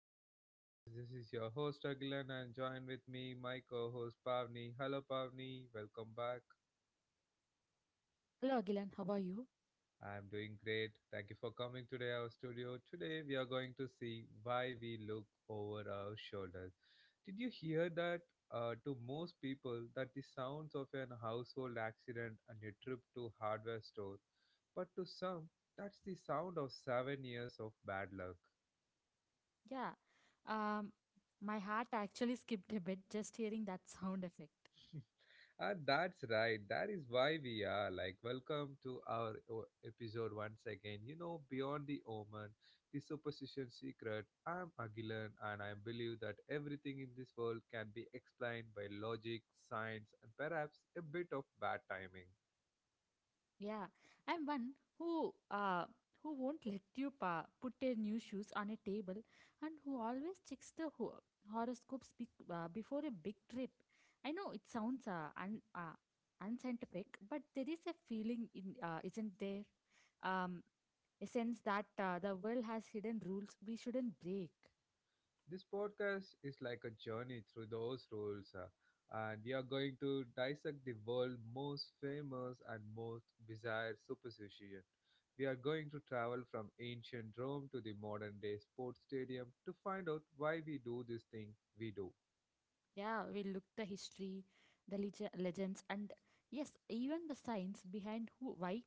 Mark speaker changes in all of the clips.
Speaker 1: of my podcast. This is your host Agilan and join with me my co-host Pavni. Hello Pavni, welcome back.
Speaker 2: Hello, Agilan. How are you?
Speaker 1: I'm doing great. Thank you for coming today our studio. Today we are going to see why we look over our shoulders. Did you hear that? To most people, that the sounds of an household accident and a trip to hardware store, but to some, that's the sound of 7 years of bad luck.
Speaker 2: Yeah. Um, my heart actually skipped a bit just hearing that sound effect.
Speaker 1: And that's right. That is why we are like, welcome to our episode once again. You know, beyond the omen, the superstition secret. I'm Agilan, and I believe that everything in this world can be explained by logic, science, and perhaps a bit of bad timing.
Speaker 2: Yeah, I'm one who won't let you put your new shoes on a table and who always checks the horoscopes bec before a big trip. I know it sounds unscientific, but there is a feeling in isn't there? Um, a sense that the world has hidden rules we shouldn't break.
Speaker 1: This podcast is like a journey through those rules, and we are going to dissect the world's most famous and most bizarre superstition. We are going to travel from ancient Rome to the modern day sports stadium to find out why we do this thing we do.
Speaker 2: Yeah, we look the history, the legends, and yes, even the science behind who why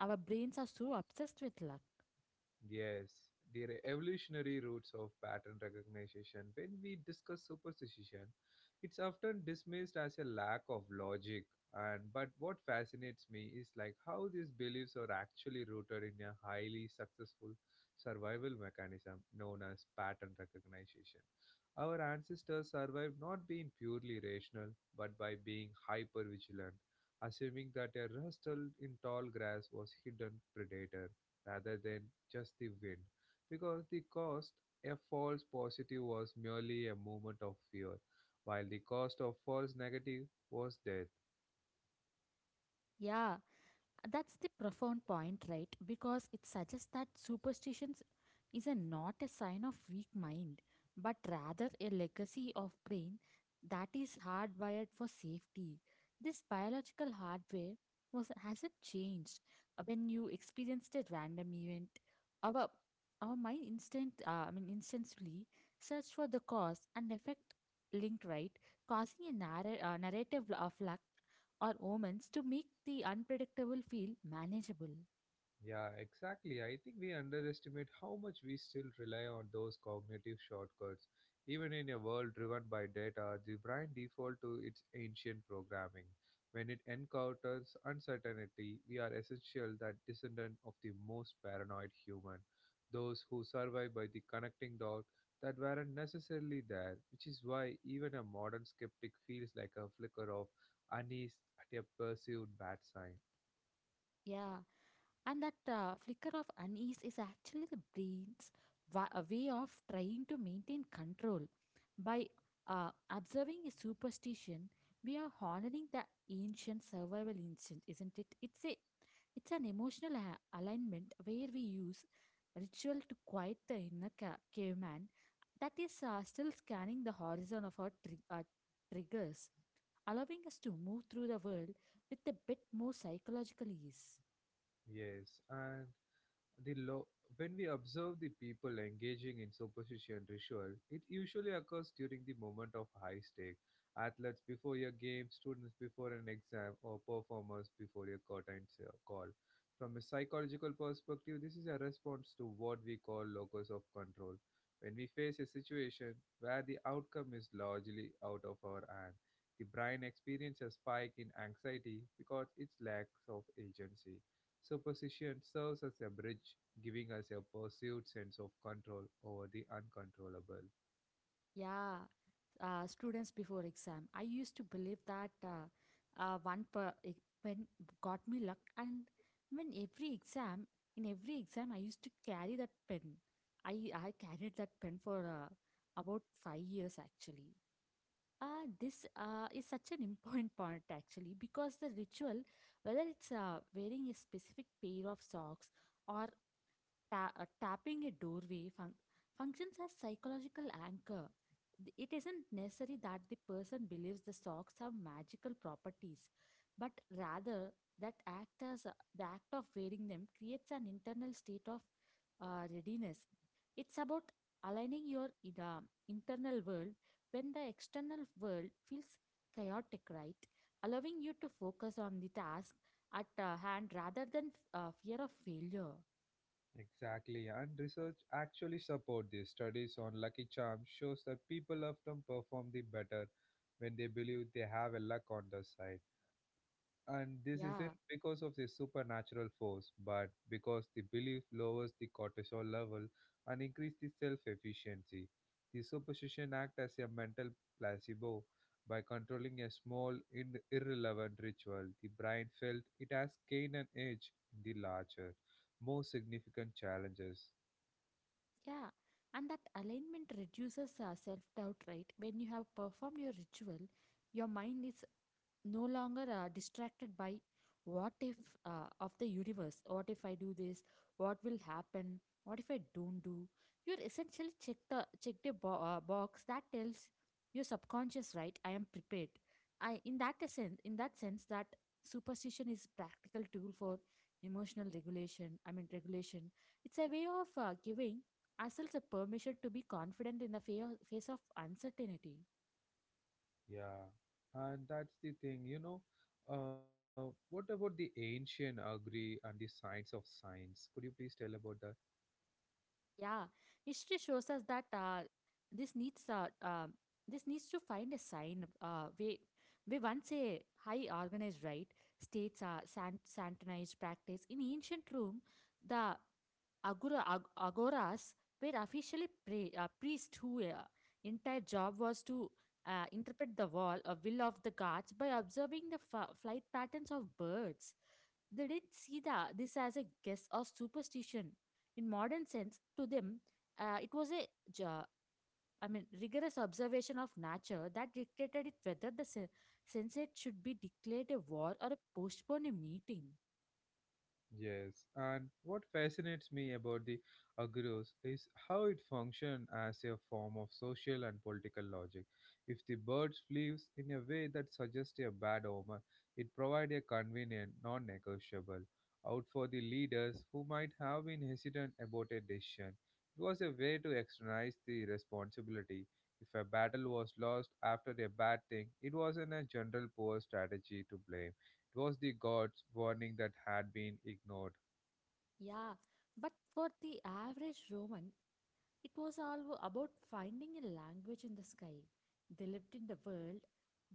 Speaker 2: our brains are so obsessed with luck.
Speaker 1: Yes, the evolutionary roots of pattern recognition. When we discuss superstition, it's often dismissed as a lack of logic. And but what fascinates me is like how these beliefs are actually rooted in a highly successful survival mechanism known as pattern recognition. Our ancestors survived not being purely rational, but by being hyper vigilant, assuming that a rustle in tall grass was hidden predator rather than just the win, because the cost a false positive was merely a movement of fear, while the cost of false negative was death.
Speaker 2: Yeah, that's the profound point, right? Because it suggests that superstitions is not a sign of weak mind, but rather a legacy of brain that is hardwired for safety. This biological hardware was hasn't changed. When you experienced a random event, our our mind instantly search for the cause and effect linked, right? Causing a narrative of luck or omens to make the unpredictable feel manageable.
Speaker 1: Yeah, exactly. I think we underestimate how much we still rely on those cognitive shortcuts. Even in a world driven by data, the brain default to its ancient programming. When it encounters uncertainty, we are essential that descendant of the most paranoid human, those who survive by the connecting dots that weren't necessarily there, which is why even a modern skeptic feels like a flicker of unease at a perceived bad sign.
Speaker 2: Yeah, and that flicker of unease is actually the brain's a way of trying to maintain control. By observing a superstition, we are honoring the ancient survival instinct, isn't it? It's an emotional alignment where we use ritual to quiet the inner caveman that is still scanning the horizon of our, our triggers, allowing us to move through the world with a bit more psychological ease.
Speaker 1: Yes, and the lo- when we observe the people engaging in superstition ritual, it usually occurs during the moment of high stake. Athletes before a game, students before an exam, or performers before a curtain call. From a psychological perspective, this is a response to what we call locus of control. When we face a situation where the outcome is largely out of our hand, the brain experiences a spike in anxiety because it lacks of agency. Superstition serves as a bridge, giving us a perceived sense of control over the uncontrollable.
Speaker 2: Yeah, students before exam. I used to believe that one per e- when got me luck, and when every exam, in every exam, I used to carry that pen. I carried that pen for about 5 years actually. This is such an important point actually because the ritual, whether it's wearing a specific pair of socks or tapping a doorway functions as psychological anchor. It isn't necessary that the person believes the socks have magical properties, but rather that act as the act of wearing them creates an internal state of readiness. It's about aligning your internal world when the external world feels chaotic, right? Allowing you to focus on the task at hand rather than fear of failure.
Speaker 1: Exactly, and research actually support this. Studies on lucky charms shows that people often perform the better when they believe they have a luck on their side. And this isn't
Speaker 2: Yeah.
Speaker 1: because of the supernatural force, but because the belief lowers the cortisol level and increases the self efficiency. The superstition acts as a mental placebo by controlling a small, irrelevant ritual. The brain felt it has gained an edge in the larger, more significant challenges.
Speaker 2: Yeah, and that alignment reduces self doubt, right? When you have performed your ritual, your mind is no longer distracted by what if of the universe what if I do this, what will happen, what if I don't do. You're essentially check the box that tells your subconscious, right? I am prepared. I In that sense, that superstition is practical tool for emotional regulation I mean regulation. It's a way of giving ourselves a permission to be confident in the face of uncertainty.
Speaker 1: Yeah, and that's the thing, you know. What about the ancient augury and the science of science? Could you please tell about that?
Speaker 2: Yeah, history shows us that this needs uh, uh, this needs to find a sign. We once a high organized, right, states santonized practice in ancient Rome. The agoras were officially priests whose entire job was to interpret the wall, a will of the gods by observing the flight patterns of birds. They didn't see this as a guess or superstition in modern sense. To them, it was a jo- I mean, rigorous observation of nature that dictated it whether the Senate should be declared a war or a postpone a meeting.
Speaker 1: Yes, and what fascinates me about the agros is how it functions as a form of social and political logic. If the bird flees in a way that suggests a bad omen, it provides a convenient, non negotiable out for the leaders who might have been hesitant about a decision. It was a way to externalize the responsibility. If a battle was lost after a bad thing, it wasn't a general poor strategy to blame it was the gods' warning that had been ignored.
Speaker 2: Yeah, but for the average Roman, it was all about finding a language in the sky. They lived in the world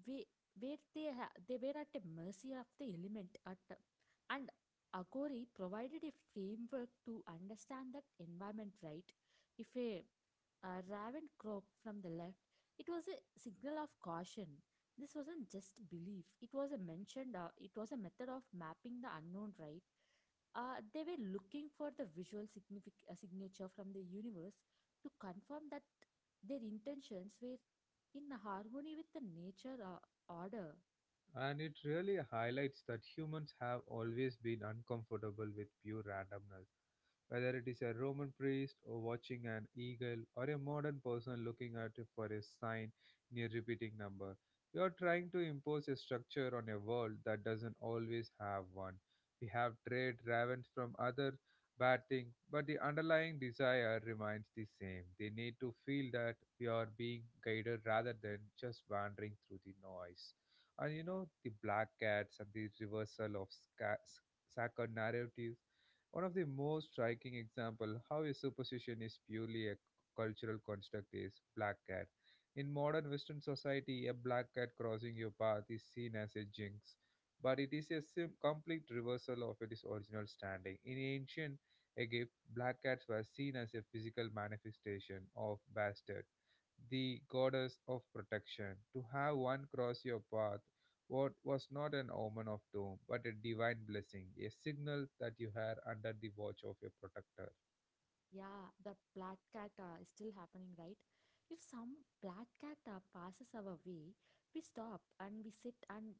Speaker 2: where, where they were at the mercy of the element, and Akori provided a framework to understand that environment, right. If a raven croaked from the left, it was a signal of caution. This wasn't just belief, it was it was a method of mapping the unknown, right. They were looking for the visual signature from the universe to confirm that their intentions were in harmony with the nature or order.
Speaker 1: And it really highlights that humans have always been uncomfortable with pure randomness. Whether it is a Roman priest or watching an eagle or a modern person looking at for a sign near a repeating number, we are trying to impose a structure on a world that doesn't always have one. We have trade ravens from other bad things, but the underlying desire remains the same. They need to feel that we are being guided rather than just wandering through the noise. And you know the black cats and the reversal of sacred narratives. One of the most striking example how a superstition is purely a cultural construct is black cat. In modern western society a black cat crossing your path is seen as a jinx, but it is a complete reversal of its original standing in ancient Egypt. Black cats were seen as a physical manifestation of Bastard, the goddess of protection. To have one cross your path what was not an omen of doom, but a divine blessing, a signal that you are under the watch of your protector.
Speaker 2: Yeah, the black cat is still happening, right? If some black cat passes our way, we stop and we sit, and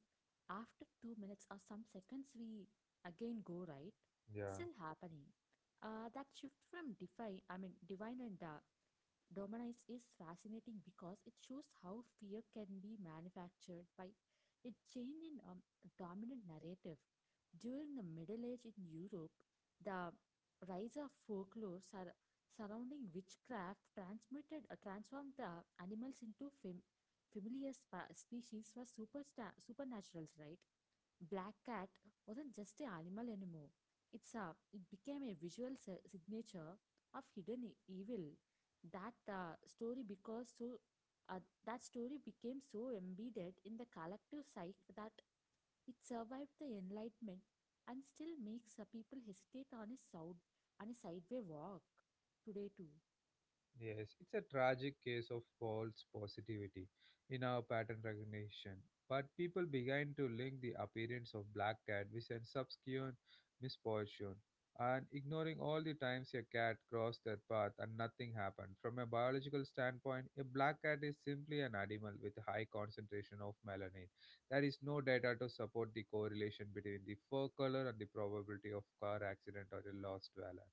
Speaker 2: after 2 minutes or some seconds, we again go, right?
Speaker 1: Yeah.
Speaker 2: Still happening. That shift from divine and Dominize is fascinating because it shows how fear can be manufactured by a change in dominant narrative. During the Middle Age in Europe, the rise of folklore surrounding witchcraft transmitted transformed the animals into familiar species for supernaturals, right. Black cat wasn't just an animal anymore. It became a visual signature of hidden evil. that uh, story because so uh, that story became so embedded in the collective psyche that it survived the enlightenment and still makes people hesitate on its on a sideway walk today too.
Speaker 1: Yes, it's a tragic case of false positivity in our pattern recognition. But people began to link the appearance of black cat with a subsequent misfortune, and ignoring all the times a cat crossed their path and nothing happened. From a biological standpoint, a black cat is simply an animal with a high concentration of melanin. There is no data to support the correlation between the fur color and the probability of car accident or a lost valor.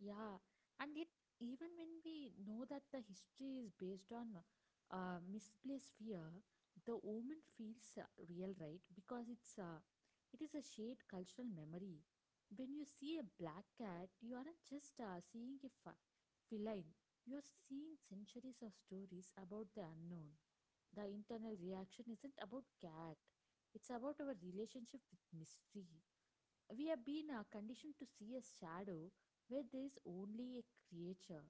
Speaker 2: Yeah, and yet even when we know that the history is based on misplaced fear, the omen feels real, right? Because it is a shared cultural memory. When you see a black cat, you aren't just seeing a feline. You are seeing centuries of stories about the unknown. The internal reaction isn't about cat. It's about our relationship with mystery. We have been conditioned to see a shadow where there is only a creature.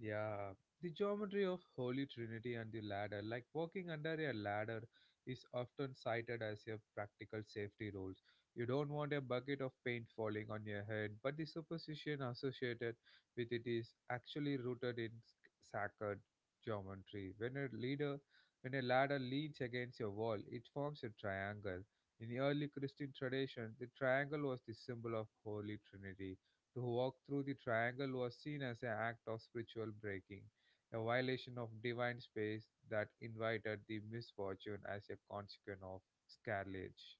Speaker 1: Yeah, the geometry of Holy Trinity and the ladder, like walking under a ladder, is often cited as a practical safety rule. You don't want a bucket of paint falling on your head, but the superstition associated with it is actually rooted in sacred geometry. When a ladder leans against a wall, it forms a triangle. In the early Christian tradition, the triangle was the symbol of Holy Trinity. To walk through the triangle was seen as an act of spiritual breaking, a violation of divine space that invited the misfortune as a consequence of sacrilege.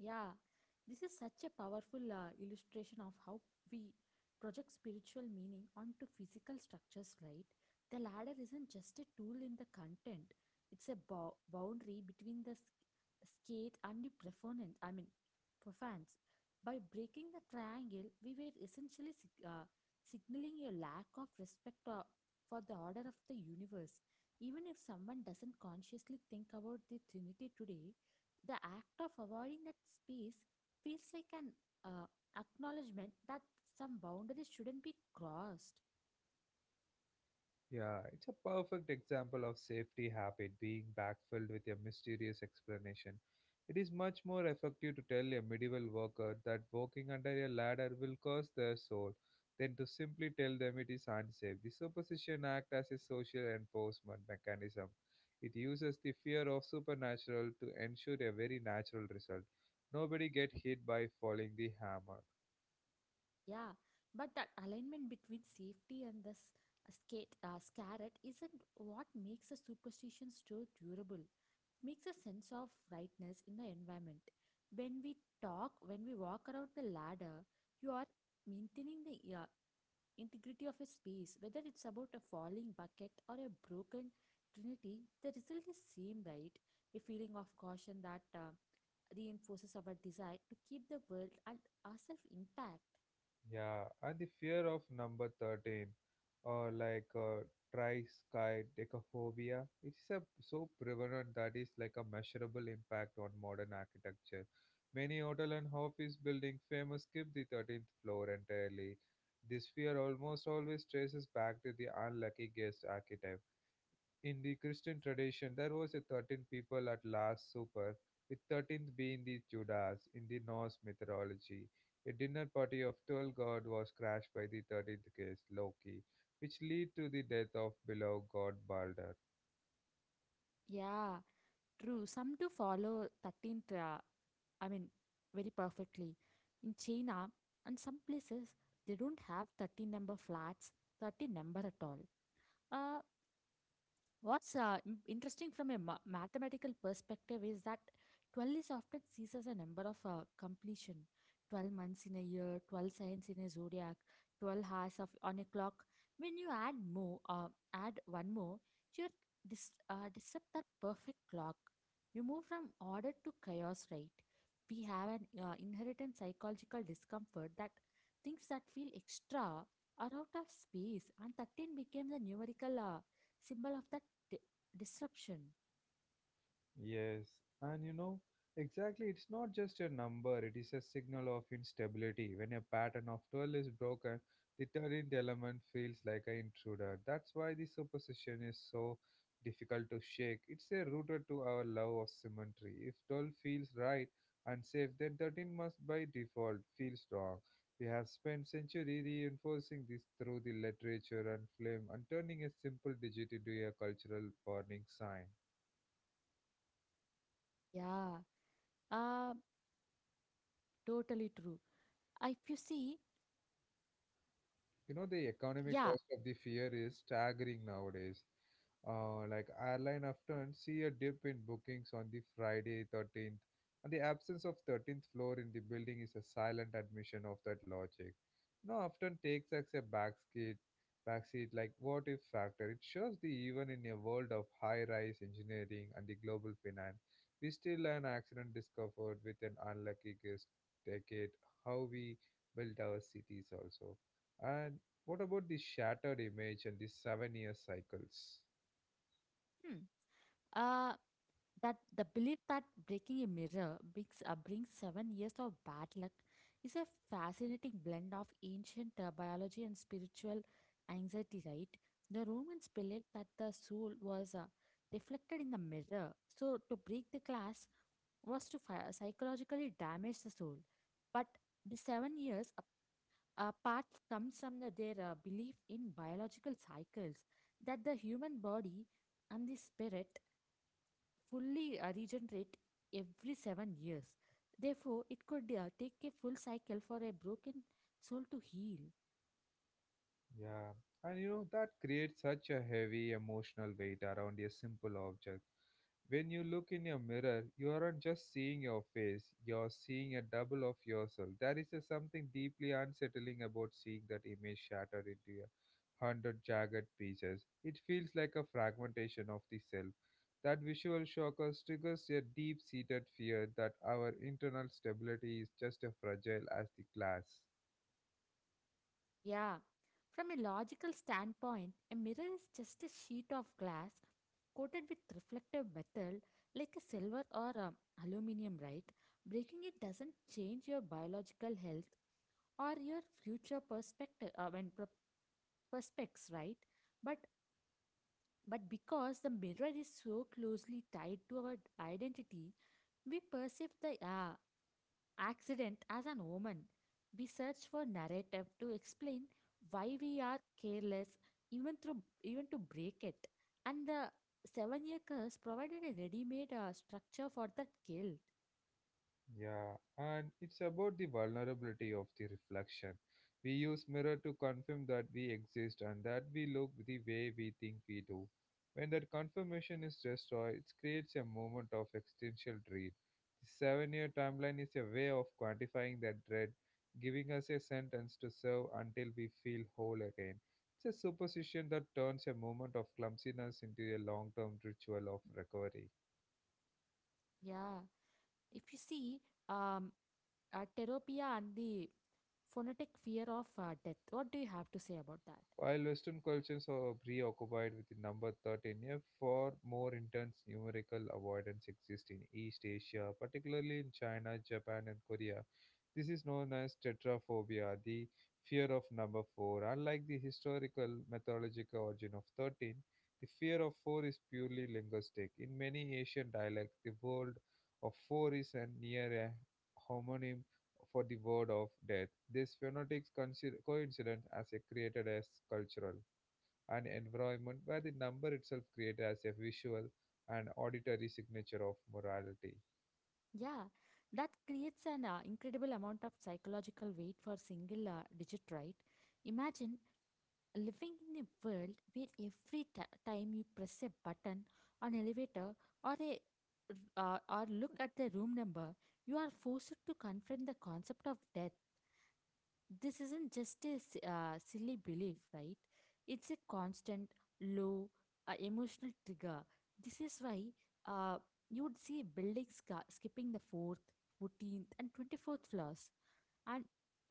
Speaker 2: Yeah, this is such a powerful illustration of how we project spiritual meaning onto physical structures, right? The ladder isn't just a tool in the content, it's a boundary between the skate and the profanes. By breaking the triangle, we were essentially signaling a lack of respect for the order of the universe. Even if someone doesn't consciously think about the Trinity today, the act of avoiding that space feels like an uh, acknowledgement that some boundaries shouldn't be crossed.
Speaker 1: Yeah, it's a perfect example of safety habit being backfilled with a mysterious explanation. It is much more effective to tell a medieval worker that walking under a ladder will cost their soul than to simply tell them it is unsafe. The superstition acts as a social enforcement mechanism. It uses the fear of supernatural to ensure a very natural result. Nobody get hit by falling the hammer.
Speaker 2: Yeah, but that alignment between safety and this skate scarret isn't what makes a superstition so durable. Makes a sense of rightness in the environment. When when we walk around the ladder, you are maintaining the integrity of a space, whether it's about a falling bucket or a broken trinity, the result is same, right? A feeling of caution that reinforces our desire to keep the world and ourselves intact.
Speaker 1: Yeah, and the fear of number 13, or like triskaidekaphobia, it is a, so prevalent that is like a measurable impact on modern architecture. Many hotel and office building famous skip the 13th floor entirely. This fear almost always traces back to the unlucky guest archetype. In the Christian tradition, there was a 13 people at Last Supper, with 13th being the Judas. In the Norse mythology, a dinner party of 12 gods was crashed by the 13th guest, Loki, which led to the death of beloved god Balder.
Speaker 2: Yeah, true. Some do follow 13 I mean, very perfectly. In China and some places, they don't have 13 number flats, 13 number at all. Uh, What's interesting from a mathematical perspective is that 12 is often sees as a number of completion. 12 months in a year, 12 signs in a zodiac, 12 hours on a clock. When you add one more, you disrupt that perfect clock. You move from order to chaos, right? We have an inherent psychological discomfort that things that feel extra are out of space, and 13 became the numerical symbol of that di- disruption.
Speaker 1: Yes, and you know, exactly, it's not just a number, it is a signal of instability. When a pattern of 12 is broken, the 13th element feels like an intruder. That's why the superstition is so difficult to shake. It's a rooted to our love of symmetry. If 12 feels right and safe, then 13 must by default feels wrong. We have spent centuries reinforcing this through the literature and film and turning a simple digit into a cultural warning sign.
Speaker 2: Yeah, uh, totally true. If you see,
Speaker 1: You know, the economic
Speaker 2: yeah,
Speaker 1: cost of the fear is staggering nowadays. Like airline often see a dip in bookings on the Friday 13th, and the absence of 13th floor in the building is a silent admission of that logic. Now often takes as a backseat, backseat like what if factor. It shows the even in a world of high-rise engineering and the global finance, we still an accident discovered with an unlucky guest decade how we built our cities also. And what about the shattered image and the 7 year cycles?
Speaker 2: hmm, uh, that the belief that breaking a mirror brings 7 years of bad luck is a fascinating blend of ancient biology and spiritual anxiety, right? The Romans believed that the soul was reflected in the mirror. So, to break the glass was to psychologically damage the soul. But the 7 years part comes from their belief in biological cycles, that the human body and the spirit fully regenerate every 7 years. Therefore, it could take a full cycle for a broken soul to heal.
Speaker 1: Yeah, and you know that creates such a heavy emotional weight around a simple object. When you look in your mirror, you aren't just seeing your face, you're seeing a double of yourself. There is a something deeply unsettling about seeing that image shattered into 100 jagged pieces. It feels like a fragmentation of the self. That visual shock us triggers a deep seated fear that our internal stability is just as fragile as the glass.
Speaker 2: Yeah. From a logical standpoint, a mirror is just a sheet of glass coated with reflective metal like a silver or aluminum, right? Breaking it doesn't change your biological health or your future perspective when per- perspects right, but because the mirror is so closely tied to our identity, we perceive the accident as an omen. We search for narrative to explain why we are careless, even through even to break it, and the 7 year curse provided a ready made structure for that guilt.
Speaker 1: Yeah, and it's about the vulnerability of the reflection. We use mirror to confirm that we exist and that we look the way we think we do. When that confirmation is destroyed, it creates a moment of existential dread. The 7-year timeline is a way of quantifying that dread, giving us a sentence to serve until we feel whole again. It's a superstition that turns a moment of clumsiness into a long-term ritual of recovery.
Speaker 2: Yeah. If you see, um, Teropia and the phonetic fear of death, what do you have to say about that?
Speaker 1: While Western cultures are preoccupied with the number 13, a far more intense numerical avoidance exists in East Asia, particularly in China, Japan, and Korea. This is known as tetraphobia, the fear of number 4. Unlike the historical mythological origin of 13, the fear of 4 is purely linguistic. In many Asian dialects, the word of 4 is a near a homonym for the word of death. This phonetic coincidence as a created as cultural an environment where the number itself created as a visual and auditory signature of morality.
Speaker 2: Yeah, that creates an incredible amount of psychological weight for single digit, right? Imagine living in a world where every time you press a button on elevator or a or look at the room number, you are forced to confront the concept of death. This isn't just a silly belief, right? It's a constant, low, emotional trigger. This is why uh, you would see buildings skipping the 4th, 14th, and 24th floors. And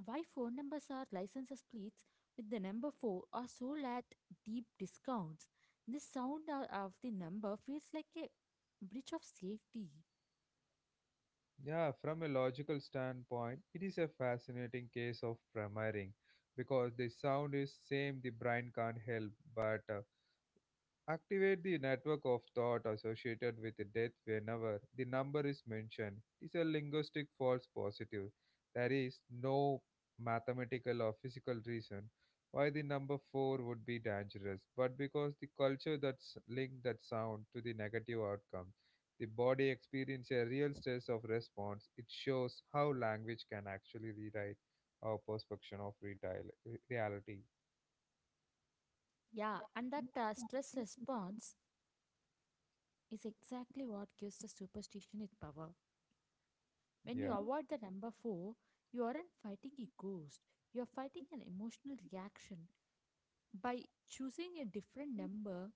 Speaker 2: why phone numbers are licenses plates with the number 4 are sold at deep discounts. The sound of the number feels like a breach of safety.
Speaker 1: Yeah, from a logical standpoint, it is a fascinating case of premiering because the sound is same the brain can't help but activate the network of thought associated with death whenever the number is mentioned. It is a linguistic false positive. There is no mathematical or physical reason why the number 4 would be dangerous, but because the culture that's linked that sound to the negative outcome, the body experiences a real stress of response. It shows how language can actually rewrite our perception of reality.
Speaker 2: Yeah, and that stress response is exactly what gives the superstition its power. When you
Speaker 1: Yeah.
Speaker 2: avoid the number 4, you aren't fighting a ghost, you are fighting an emotional reaction. By choosing a different number,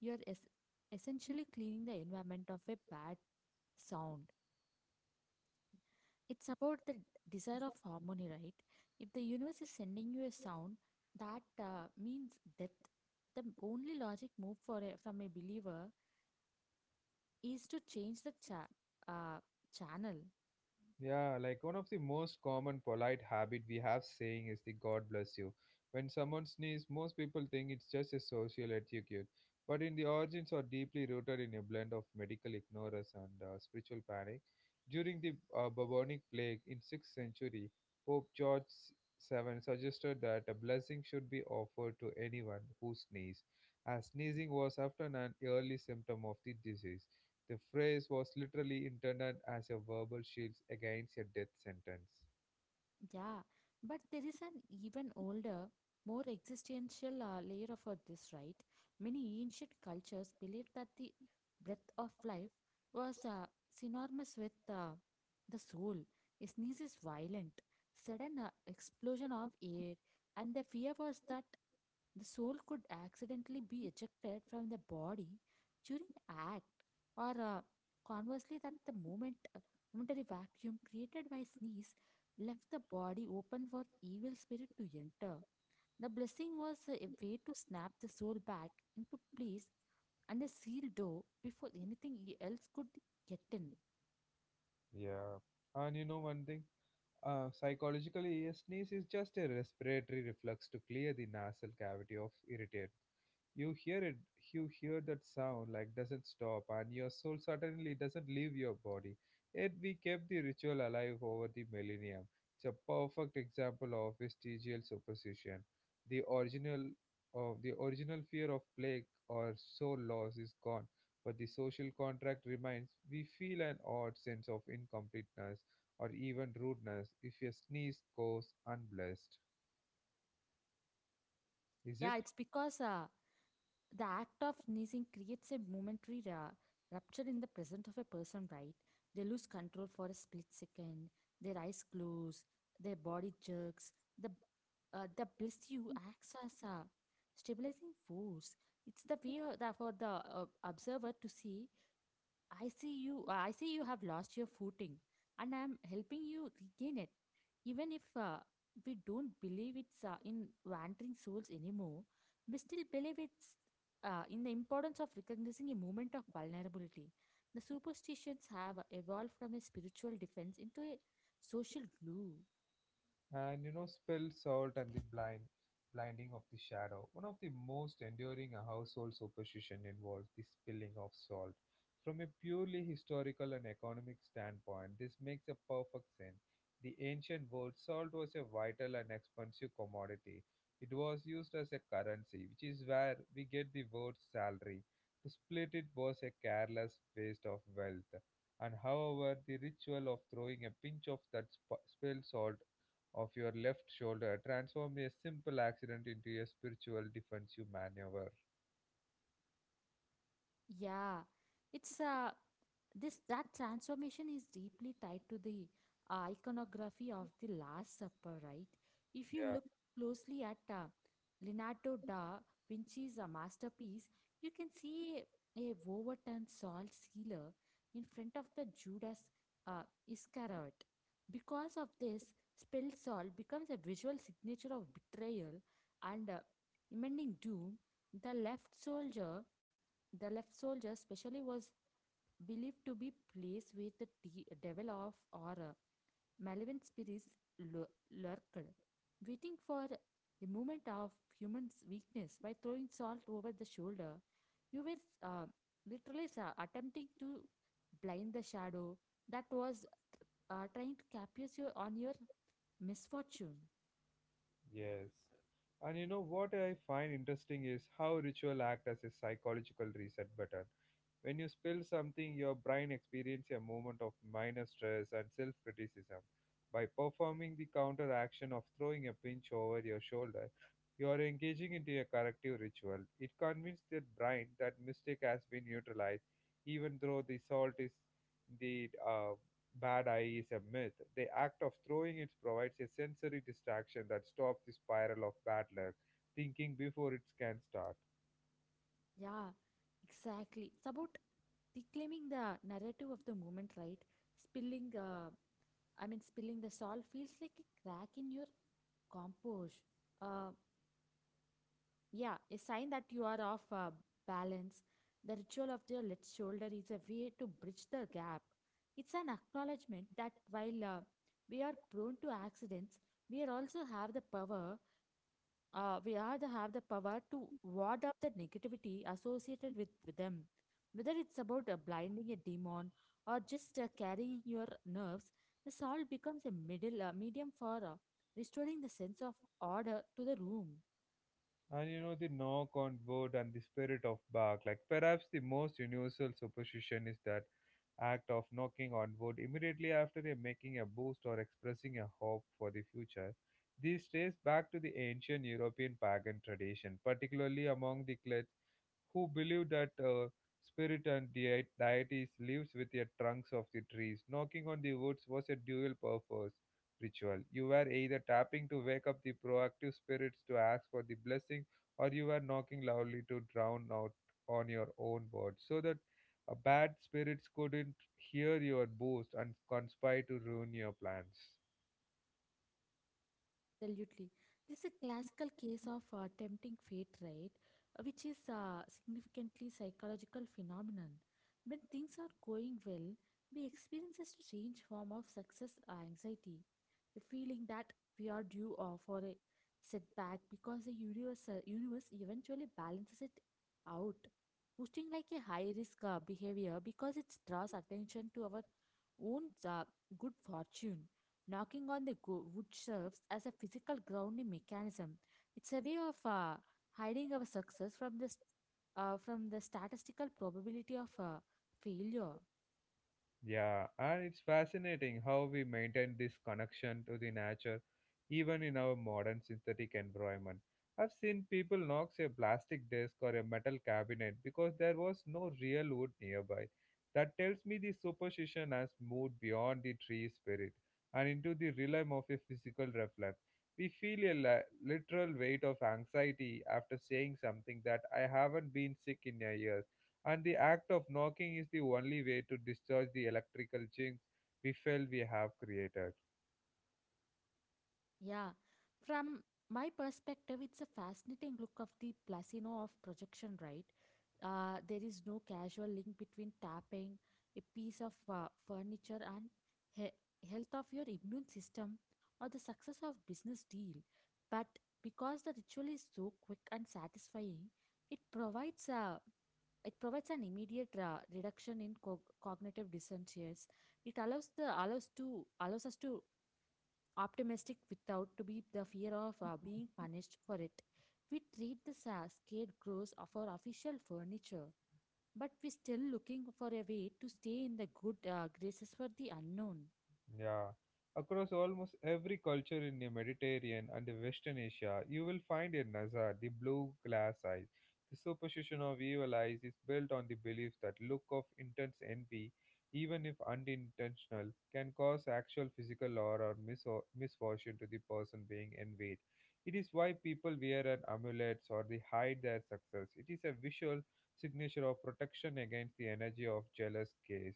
Speaker 2: you are essentially cleaning the environment of a bad sound. It's about the desire of harmony, right? If the universe is sending you a sound, that means death. The only logic move for a, from a believer is to change the uh, channel.
Speaker 1: Yeah, like one of the most common polite habit we have saying is the God bless you. When someone sneezes, most people think it's just a social etiquette, but in the origins are deeply rooted in a blend of medical ignorance and spiritual panic. During the bubonic plague in 6th century, Pope George VII suggested that a blessing should be offered to anyone who sneezed, as sneezing was often an early symptom of the disease. The phrase was literally intended as a verbal shield against a death sentence.
Speaker 2: Yeah, but there is an even older, more existential layer of this, right? Many ancient cultures believed that the breath of life was synonymous with the soul. A sneeze is violent, sudden explosion of air, and the fear was that the soul could accidentally be ejected from the body during act, or conversely, that the momentary vacuum created by sneeze left the body open for evil spirit to enter. The blessing was a way to snap the soul back into place and a sealed door before anything else could get in.
Speaker 1: Yeah. And you know one thing? Psychologically, a sneeze is just a respiratory reflex to clear the nasal cavity of irritant. You hear it, you hear that sound like doesn't stop, and your soul suddenly doesn't leave your body. Yet we kept the ritual alive over the millennium. It's a perfect example of vestigial superstition. The original of the original fear of plague or soul loss is gone, but the social contract remains. We feel an odd sense of incompleteness or even rudeness if a sneeze goes unblessed. Is it?
Speaker 2: Yeah, it's because the act of sneezing creates a momentary rupture in the presence of a person, right? They lose control for a split second, their eyes close, their body jerks, the the bless you acts as a stabilizing force. It's the way that for the observer to see, I see you. I see you have lost your footing, and I am helping you regain it. Even if we don't believe it's in wandering souls anymore, we still believe it's in the importance of recognizing a moment of vulnerability. The superstitions have evolved from a spiritual defense into a social glue.
Speaker 1: And you know spelled salt and the blinding of the shadow, one of the most enduring household superstition involves the spilling of salt. From a purely historical and economic standpoint, this makes a perfect sense. The ancient world, salt was a vital and expensive commodity. It was used as a currency, which is where we get the word salary. To split it was a careless waste of wealth. And however, the ritual of throwing a pinch of that spilled salt of your left shoulder transformed a simple accident into a spiritual defense, you maneuver.
Speaker 2: Yeah, it's this that transformation is deeply tied to the iconography of the Last Supper, right? If you
Speaker 1: Yeah,
Speaker 2: look closely at Leonardo da Vinci's masterpiece, you can see a overturned salt sealer in front of the Judas uh, Iscariot. Because of this, spilled salt becomes a visual signature of betrayal and impending doom. The left soldier the left soldier especially was believed to be placed where the devil of or malevolent spirits lu- lurked, waiting for a moment of human weakness. By throwing salt over the shoulder, you were literally attempting to blind the shadow that was trying to capture you on your misfortune.
Speaker 1: yes. And you know what I find interesting is how ritual act as a psychological reset button. When you spill something, your brain experiences a moment of minor stress and self criticism. By performing the counter action of throwing a pinch over your shoulder, you are engaging into a corrective ritual. It convinces the brain that mistake has been neutralized, even though the salt is the bad eye is a myth. The act of throwing it provides a sensory distraction that stops the spiral of bad luck thinking before it can start.
Speaker 2: Yeah, exactly. It's about reclaiming the narrative of the moment, right? Spilling uh, spilling the salt feels like a crack in your compost. Uh, yeah, a sign that you are off balance. The ritual of the left shoulder is a way to bridge the gap. It's an acknowledgement that while we are prone to accidents, we are also have the power we all have the power to ward off the negativity associated with them. Whether it's about blinding a demon or just carrying your nerves, the salt becomes a middle medium for restoring the sense of order to the room.
Speaker 1: And you know, the knock on wood and the spirit of bark, like perhaps the most universal superstition is that act of knocking on wood immediately after a making a boost or expressing a hope for the future. This traces back to the ancient European pagan tradition, particularly among the clades who believe that spirit and deities lives with the trunks of the trees. Knocking on the woods was a dual purpose ritual. You were either tapping to wake up the proactive spirits to ask for the blessing, or you were knocking loudly to drown out on your own words, so that bad spirits couldn't hear your boast and conspire to ruin your plans.
Speaker 2: Absolutely. This is a classical case of tempting fate, right? Which is a significantly psychological phenomenon. When things are going well, we experience a strange form of success anxiety, a feeling that we are due for a setback because the universe eventually balances it out, pushing like a high risk behavior because it draws attention to our own good fortune. Knocking on the wood serves as a physical grounding mechanism. It's a way of hiding our success from from the statistical probability of failure.
Speaker 1: Yeah, and it's fascinating how we maintain this connection to the nature even in our modern synthetic environment. I've seen people knock a plastic desk or a metal cabinet because there was no real wood nearby. That tells me the superstition has moved beyond the tree spirit and into the realm of a physical reflex. We feel a literal weight of anxiety after saying something that I haven't been sick in a year and the act of knocking is the only way to discharge the electrical jinx we feel we have created.
Speaker 2: Yeah, from my perspective, it's a fascinating look of the placino of projection, right? There is no casual link between tapping a piece of furniture and he- health of your immune system or the success of business deal. But because the ritual is so quick and satisfying, it provides a it provides an immediate reduction in cognitive dissonance. It allows us to optimistic without to be the fear of being punished for it. We treat the scarecrows of our official furniture, but we're still looking for a way to stay in the good graces for the unknown.
Speaker 1: Yeah. Across almost every culture in the Mediterranean and the Western Asia, you will find a Nazar, the blue glass eyes. The superstition of evil eyes is built on the belief that look of intense envy, even if unintentional, can cause actual physical or misfortune to the person being envied. It is why people wear an amulets or they hide their success. It is a visual signature of protection against the energy of jealous gaze.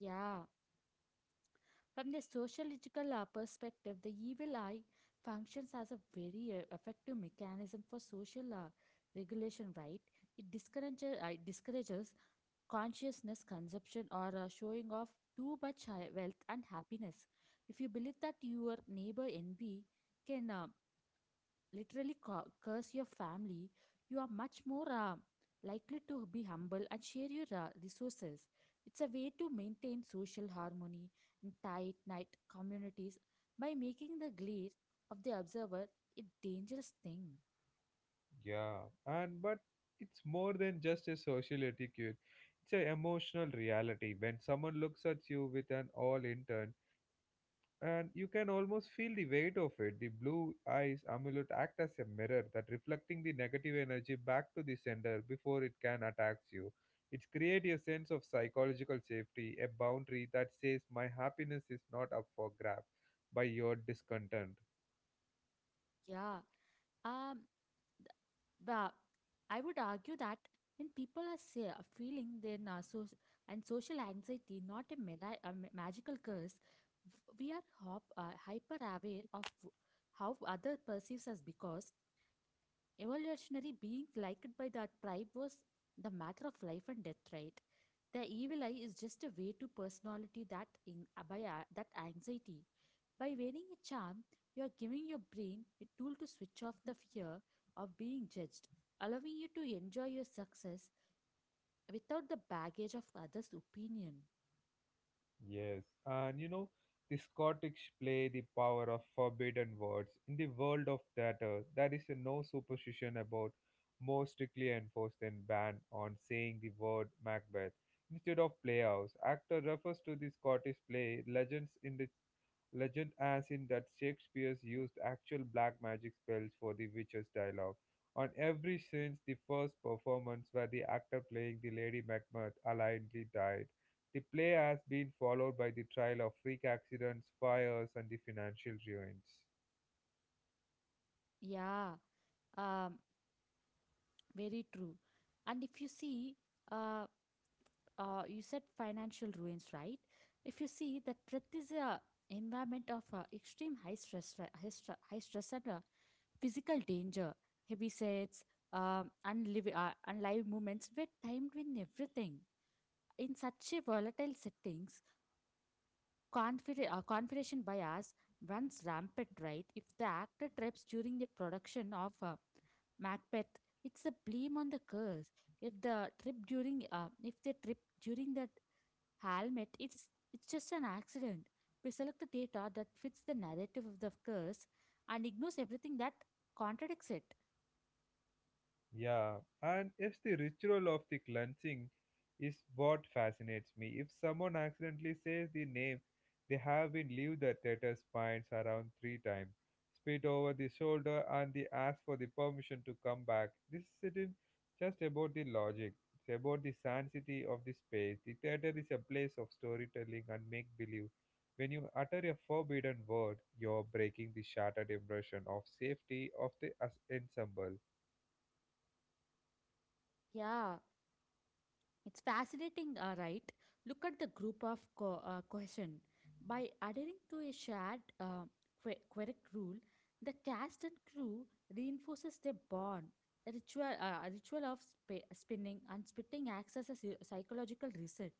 Speaker 2: Yeah. From the sociological perspective, the evil eye functions as a very effective mechanism for social regulation, right? It discourages consciousness consumption or showing off too much wealth and happiness. If you believe that your neighbor envy can literally curse your family, you are much more likely to be humble and share your resources. It's a way to maintain social harmony in tight knit communities by making the glare of the observer a dangerous thing.
Speaker 1: Yeah, and but it's more than just a social etiquette. It's an emotional reality when someone looks at you with an all intent, and you can almost feel the weight of it. The blue eyes amulet act as a mirror that reflecting the negative energy back to the sender before it can attack you. It creates a sense of psychological safety, a boundary that says my happiness is not up for grab by your discontent.
Speaker 2: Yeah. Um, The I would argue that when people are say, feeling their narcissism and social anxiety, not a magical curse, we are hyper aware of how other perceives us because evolutionary being liked by that tribe was the matter of life and death, right? The evil eye is just a way to personality that that anxiety. By wearing a charm, you are giving your brain a tool to switch off the fear of being judged, allowing you to enjoy your success without the baggage of others' opinion.
Speaker 1: Yes, and you know, the Scottish play, the power of forbidden words. In the world of theatre, there is no superstition about more strictly enforced than ban on saying the word Macbeth. Instead of playhouse, actor refers to the Scottish play legends in the legend as in that Shakespeare used actual black magic spells for the witch's dialogue. On every since the first performance where the actor playing the Lady Macbeth allegedly died, the play has been followed by the trial of freak accidents, fires, and the financial ruins.
Speaker 2: Yeah, um, very true. And if you see, uh, you said financial ruins, right? If you see that Prith is a environment of extreme high stress and physical danger, heavy sets, unlive movements were timed with everything. In such a volatile settings, confirmation bias runs rampant, right? If the actor trips during the production of Macbeth, it's a blame on the curse. If if they trip during the helmet, it's just an accident. We select the data that fits the narrative of the curse and ignores everything that contradicts it.
Speaker 1: Yeah, and it's the ritual of the cleansing is what fascinates me. If someone accidentally says the name, they have been leave the tether's spines around three times, spit over the shoulder, and they ask for the permission to come back. This isn't just about the logic; it's about the sanctity of the space. The theater is a place of storytelling and make believe. When you utter a forbidden word, you're breaking the shattered impression of safety of the ensemble.
Speaker 2: Yeah, it's fascinating, right? Look at the group of cohesion. By adhering to a shared quirk rule, the cast and crew reinforces their bond. The ritual of spinning and spitting acts as a psychological reset.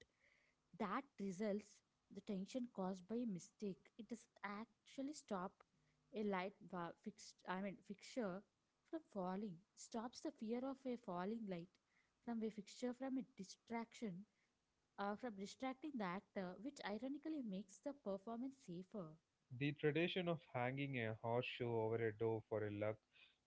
Speaker 2: That results the tension caused by a mistake. It doesn't actually stop a light va- fixed, I mean, fixture from falling. It stops the fear of a falling light from a fixture from a distraction from distracting the actor, which ironically makes the performance safer.
Speaker 1: The tradition of hanging a horseshoe over a door for a luck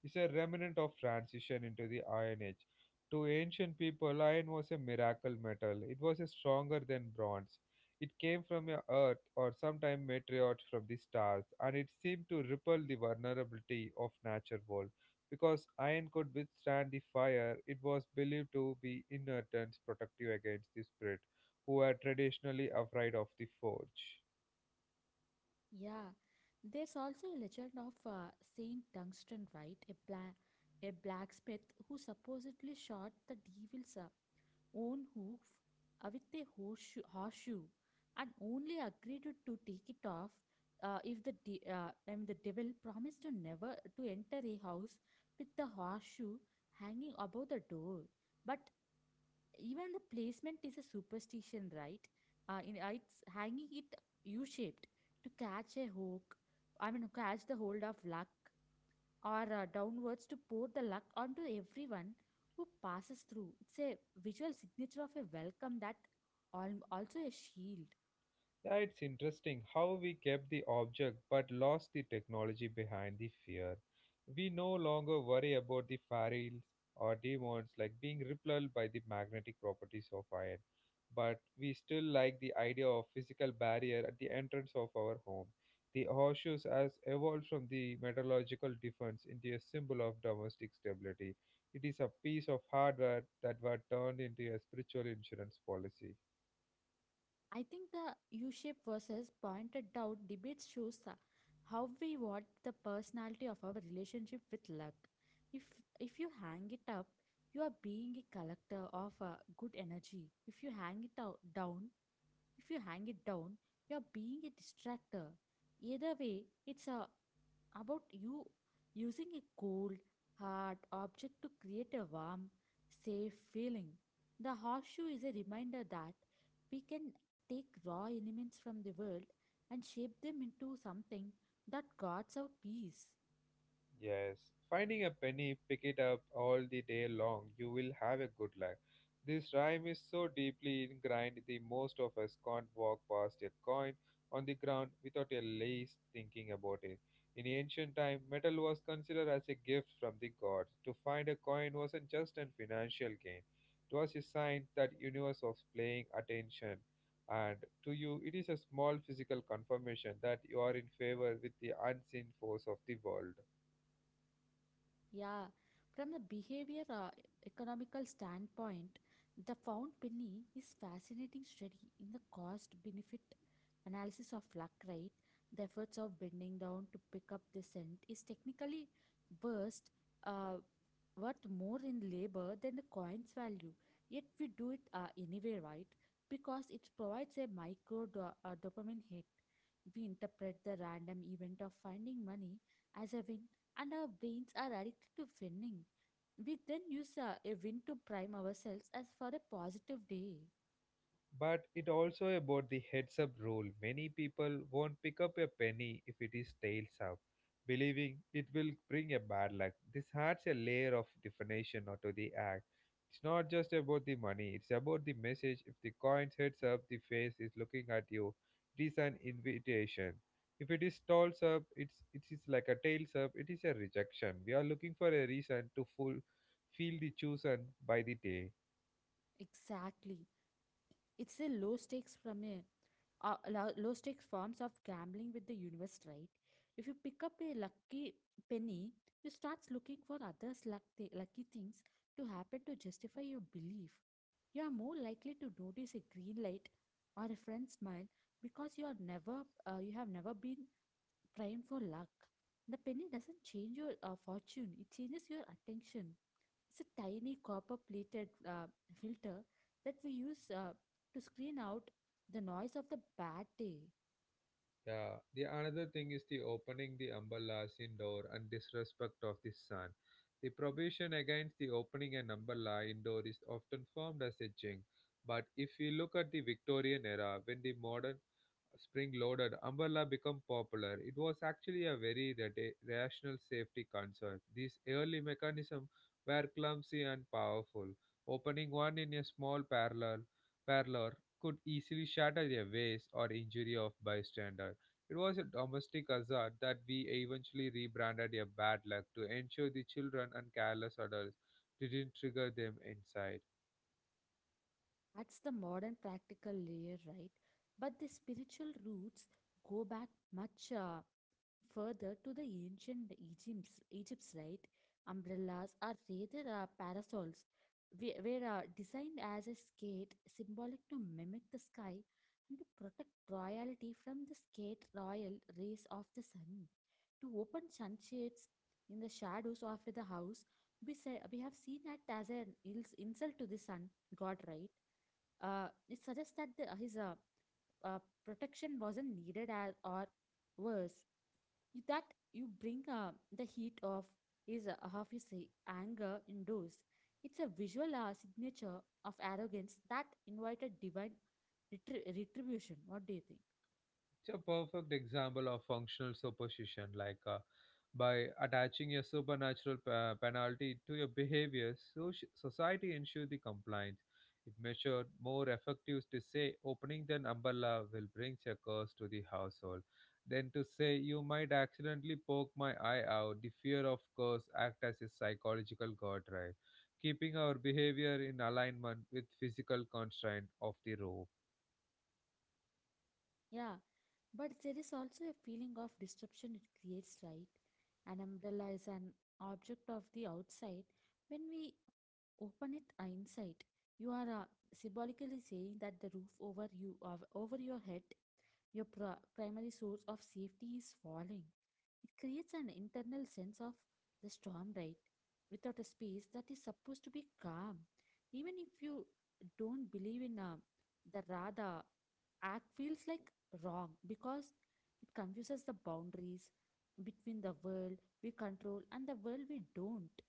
Speaker 1: is a remnant of transition into the Iron Age. To ancient people, iron was a miracle metal. It was stronger than bronze. It came from a earth or sometime meteorite from the stars, and it seemed to repel the vulnerability of nature world. Because iron could withstand the fire, it was believed to be inert and protective against the spirit, who were traditionally afraid of the forge.
Speaker 2: Yeah, there's also a legend of Saint Tungsten, right? A a blacksmith who supposedly shot the devil's own hoof with a horseshoe, and only agreed to take it off if the de- I mean the devil promised to never to enter a house with the horseshoe hanging above the door. But even the placement is a superstition, right? It's hanging it u-shaped to catch a hook I mean catch the hold of luck, or downwards to pour the luck onto everyone who passes through. It's a visual signature of a welcome that also a shield.
Speaker 1: Yeah, it's interesting how we kept the object but lost the technology behind the fear. We no longer worry about the fairies or demons like being repelled by the magnetic properties of iron, but we still like the idea of physical barrier at the entrance of our home. The horseshoes has evolved from the metallurgical defense into a symbol of domestic stability. It is a piece of hardware that were turned into a spiritual insurance policy.
Speaker 2: I think the U shape versus pointed out debates shows how we want the personality of our relationship with luck. If if you hang it up, you are being a collector of good energy. If you hang it out, down, if you hang it down, you are being a distractor. Either way, it's a about you using a cold, hard object to create a warm, safe feeling. The horseshoe is a reminder that we can take raw elements from the world and shape them into something that guards our peace.
Speaker 1: Yes, finding a penny, pick it up all the day long. You will have a good life. This rhyme is so deeply ingrained the most of us can't walk past a coin on the ground without at least thinking about it. In ancient time, metal was considered as a gift from the gods. To find a coin wasn't just a financial gain. It was a sign that universe was paying attention. And to you, it is a small physical confirmation that you are in favor with the unseen force of the world.
Speaker 2: Yeah, from the behavior economical standpoint, the found penny is fascinating study in the cost benefit analysis of luck, right? The efforts of bending down to pick up the cent is technically worst, uh, worth more in labor than the coin's value. Yet we do it anyway, right? Because it provides a micro dopamine hit. We interpret the random event of finding money as a win, and our brains are addicted to winning. We then use a win to prime ourselves as for a positive day.
Speaker 1: But it also about the heads up rule. Many people won't pick up a penny if it is tails up, believing it will bring a bad luck. This adds a layer of definition onto the act. It's not just about the money, it's about the message. If the coin heads up, the face is looking at you. It is an invitation. If it is tails up, it's it is like a tails up, it is a rejection. We are looking for a reason to full feel the chosen by the day.
Speaker 2: Exactly. It's a low stakes from a lo- low stakes forms of gambling with the universe, right? If you pick up a lucky penny, you start looking for lucky things to happen to justify your belief. You are more likely to notice a green light or a friend's smile because you have never been train for luck. The penny doesn't change your fortune, it changes your attention. It's a tiny copper plated filter that we use to screen out the noise of the bad day.
Speaker 1: Yeah, the another thing is the opening the umbrella Umberlasin door and disrespect of the sun. The prohibition against the opening an umbrella indoor is often formed as a jinx. But if we look at the Victorian era, when the modern spring-loaded umbrella become popular, it was actually a very rational safety concern. These early mechanisms were clumsy and powerful. Opening one in a small parlor could easily shatter a vase or injury of bystander. It was a domestic hazard that we eventually rebranded a bad luck to ensure the children and careless adults didn't trigger them inside.
Speaker 2: That's the modern practical layer, right? But the spiritual roots go back much further to the ancient Egypt's, right, umbrellas are rather parasols, were designed as a skate symbolic to mimic the sky and to protect royalty from the skate royal rays of the sun. To open sunshades in the shadows of the house, we have seen it as an insult to the sun god, right? It suggests that his uh, protection wasn't needed, as or worse that you bring the heat of his anger indoors. It's a visual signature of arrogance that invited divine retribution. What do you think?
Speaker 1: It's a perfect example of functional superstition, like, by attaching your supernatural penalty to your behavior, society ensures the compliance. It measured more effective to say opening the umbrella will bring a curse to the household than to say you might accidentally poke my eye out. The fear of curse act as a psychological guardrail, keeping our behavior in alignment with physical constraint of the road.
Speaker 2: Yeah, but there is also a feeling of disruption it creates, right? An umbrella is an object of the outside. When we open it inside, you are symbolically saying that the roof over your head, your primary source of safety is falling. It creates an internal sense of the storm, right, without a space that is supposed to be calm. Even if you don't believe in the radha, act feels like wrong because it confuses the boundaries between the world we control and the world we don't.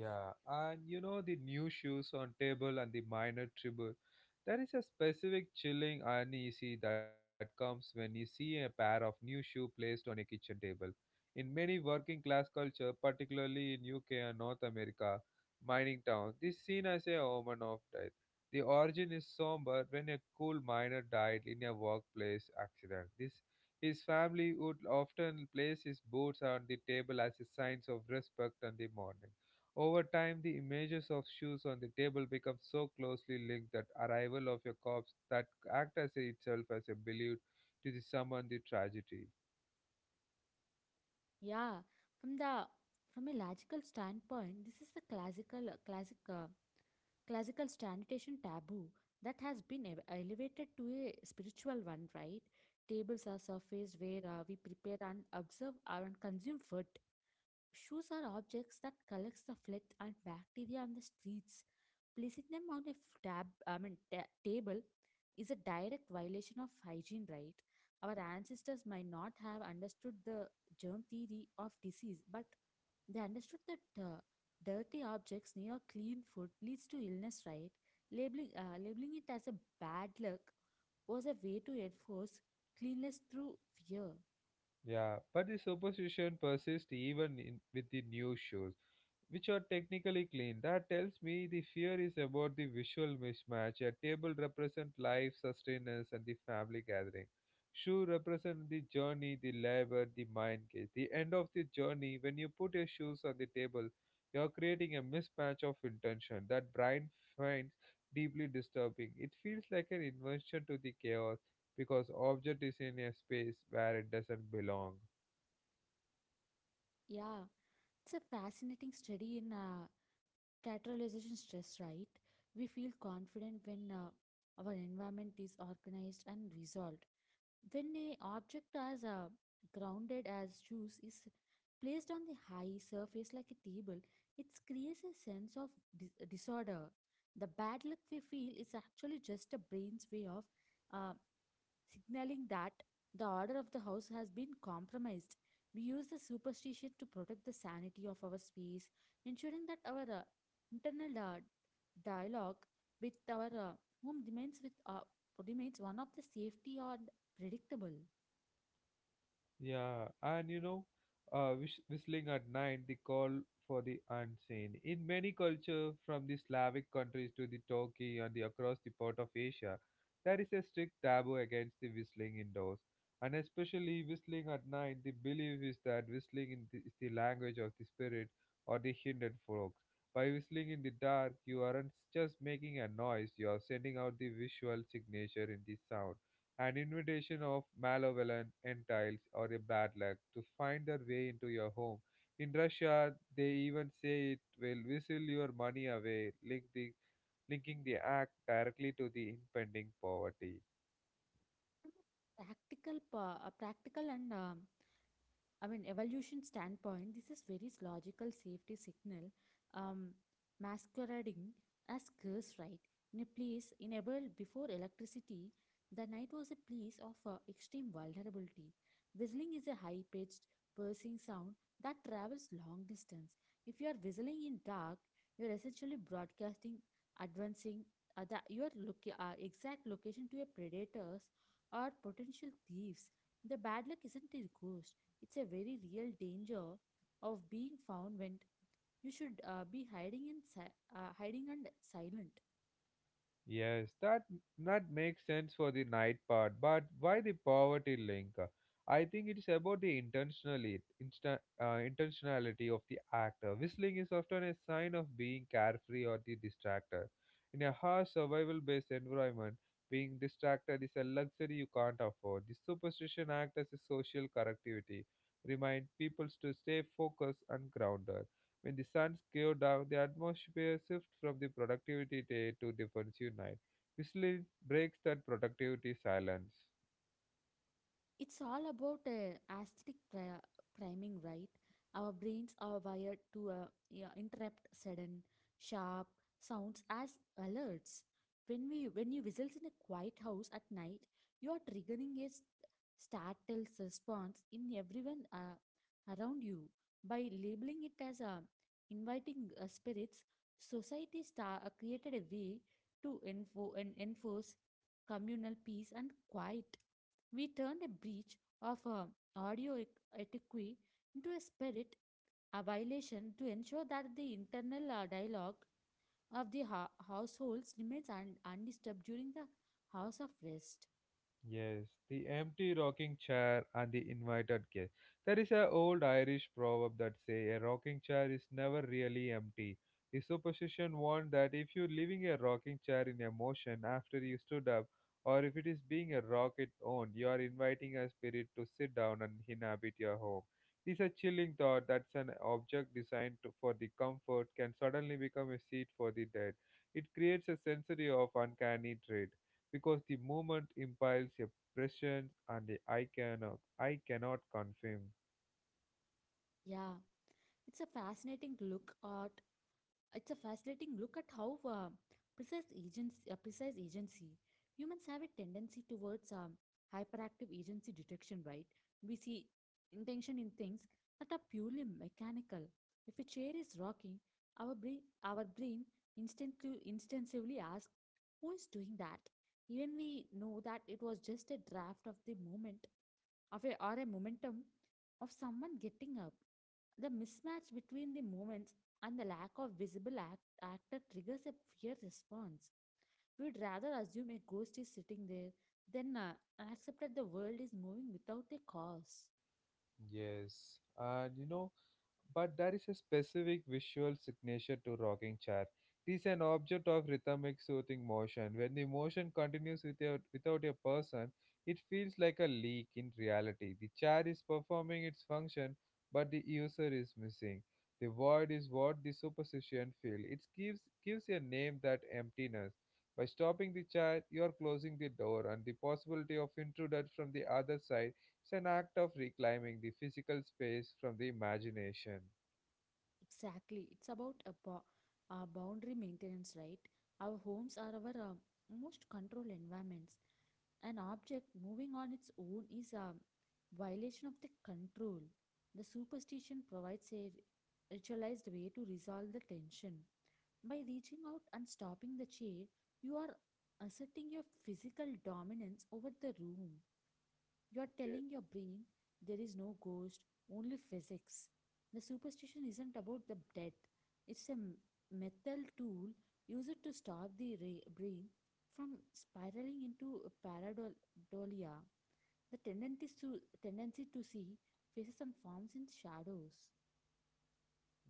Speaker 1: Yeah, and you know the new shoes on table and the minor tribble. There is a specific chilling uneasy that comes when you see a pair of new shoe placed on a kitchen table. In many working class culture, particularly in UK and North America, mining town, this seen as a omen of death. The origin is somber when a cool miner died in a workplace accident. This his family would often place his boots on the table as a signs of respect and the mourning. Over time, the images of shoes on the table become so closely linked that arrival of a corpse that act as itself as a belief to the summon the tragedy.
Speaker 2: Yeah, from the from a logical standpoint, this is the classic uh, classical sanitation taboo that has been elevated to a spiritual one, right? Tables are surface where we prepare and observe and consume food. Shoes are objects that collects the filth and bacteria on the streets. Placing them on a table, is a direct violation of hygiene. Right? Our ancestors might not have understood the germ theory of disease, but they understood that dirty objects near clean food leads to illness. Right? Labeling it as a bad luck was a way to enforce cleanliness through fear.
Speaker 1: Yeah, but the superstition persists even in, with the new shoes, which are technically clean. That tells me the fear is about the visual mismatch. A table represents life, sustenance, and the family gathering. Shoe represent the journey, the labor, the mind gate. The end of the journey, when you put your shoes on the table, you are creating a mismatch of intention that Brian finds deeply disturbing. It feels like an invention to the chaos because object is in a space where it doesn't belong.
Speaker 2: Yeah, it's a fascinating study in categorization stress, right? We feel confident when our environment is organized and resolved. When a object as grounded as juice is placed on the high surface like a table, it creates a sense of disorder. The bad luck we feel is actually just a brain's way of uh, signaling that the order of the house has been compromised. We use the superstition to protect the sanity of our space, ensuring that our internal dialogue with our whom remains with remains one of the safety or predictable,
Speaker 1: Yeah, and you know, whistling at night, the call for the unseen. In many cultures, from the Slavic countries to the Turkey and the, across the part of Asia, there is a strict taboo against the whistling indoors. And especially whistling at night, the belief is that whistling in the, is the language of the spirit or the hidden folks. By whistling in the dark, you aren't just making a noise, you are sending out the visual signature in the sound an invitation of malevolent entiles or a bad luck to find their way into your home. In Russia, they even say it will whistle your money away, link the, linking the act directly to the impending poverty.
Speaker 2: practical, practical and evolution standpoint, this is very logical safety signal um, masquerading as curse, right? In a world before electricity, the night was a place of extreme vulnerability. Whistling is a high-pitched, piercing sound that travels long distance. If you are whistling in dark, you are essentially broadcasting, advancing your exact location to a predators or potential thieves. The bad luck isn't a ghost, it's a very real danger of being found when you should be hiding and silent.
Speaker 1: Yes, that makes sense for the night part, but why the poverty link? I think it is about the intentionally insta, intentionality of the actor. Whistling is often a sign of being carefree or the distractor. In a harsh survival-based environment, being distracted is a luxury you can't afford. The superstition acts as a social correctivity, remind people to stay focused and grounded. When the suns go down, the atmosphere shifts from the productivity day to defensive night. Whistling breaks that productivity silence.
Speaker 2: It's all about aesthetic priming, right? Our brains are wired to interrupt sudden, sharp sounds as alerts. When you whistles in a quiet house at night, you are triggering a startle response in everyone around you by labeling it as a inviting spirits. Society star created a way to enforce communal peace and quiet. We turned a breach of audio etiquette into a spirit, a violation to ensure that the internal dialogue of the households remains undisturbed during the house of rest.
Speaker 1: Yes, the empty rocking chair and the invited guest. There is an old Irish proverb that say a rocking chair is never really empty. The superstition warned that if you're leaving a rocking chair in a motion after you stood up, or if it is being a rocket owned, you are inviting a spirit to sit down and inhabit your home. This is a chilling thought that an object designed to, for the comfort can suddenly become a seat for the dead. It creates a sensory of uncanny dread because the moment implies a presence and the I cannot confirm.
Speaker 2: Yeah, it's a fascinating look at It's a fascinating look at how precise agency. Humans have a tendency towards hyperactive agency detection, right? We see intention in things that are purely mechanical. If a chair is rocking, our brain instinctively asks, "Who is doing that?" Even we know that it was just a draft of the moment of a, or a momentum of someone getting up. The mismatch between the moments and the lack of visible actor triggers a fear response. We would rather assume a ghost is sitting there than accept that the world is moving without a cause.
Speaker 1: Yes, and you know, but there is a specific visual signature to rocking chair. It is an object of rhythmic soothing motion. When the motion continues without a person, it feels like a leak in reality. The chair is performing its function, but the user is missing. The void is what the superstition feels. It gives a name that emptiness. By stopping the chair, you are closing the door and the possibility of intruder from the other side it's an act of reclaiming the physical space from the imagination.
Speaker 2: Exactly. It's about a boundary maintenance, right? Our homes are our most controlled environments. An object moving on its own is a violation of the control. The superstition provides a ritualized way to resolve the tension. By reaching out and stopping the chair, you are asserting your physical dominance over the room. You're
Speaker 1: Yeah.
Speaker 2: telling your brain there is no ghost, only physics. The superstition isn't about the dead, it's a metal tool used to stop the brain from spiraling into a pareidolia. Tendency to see faces and forms in shadows.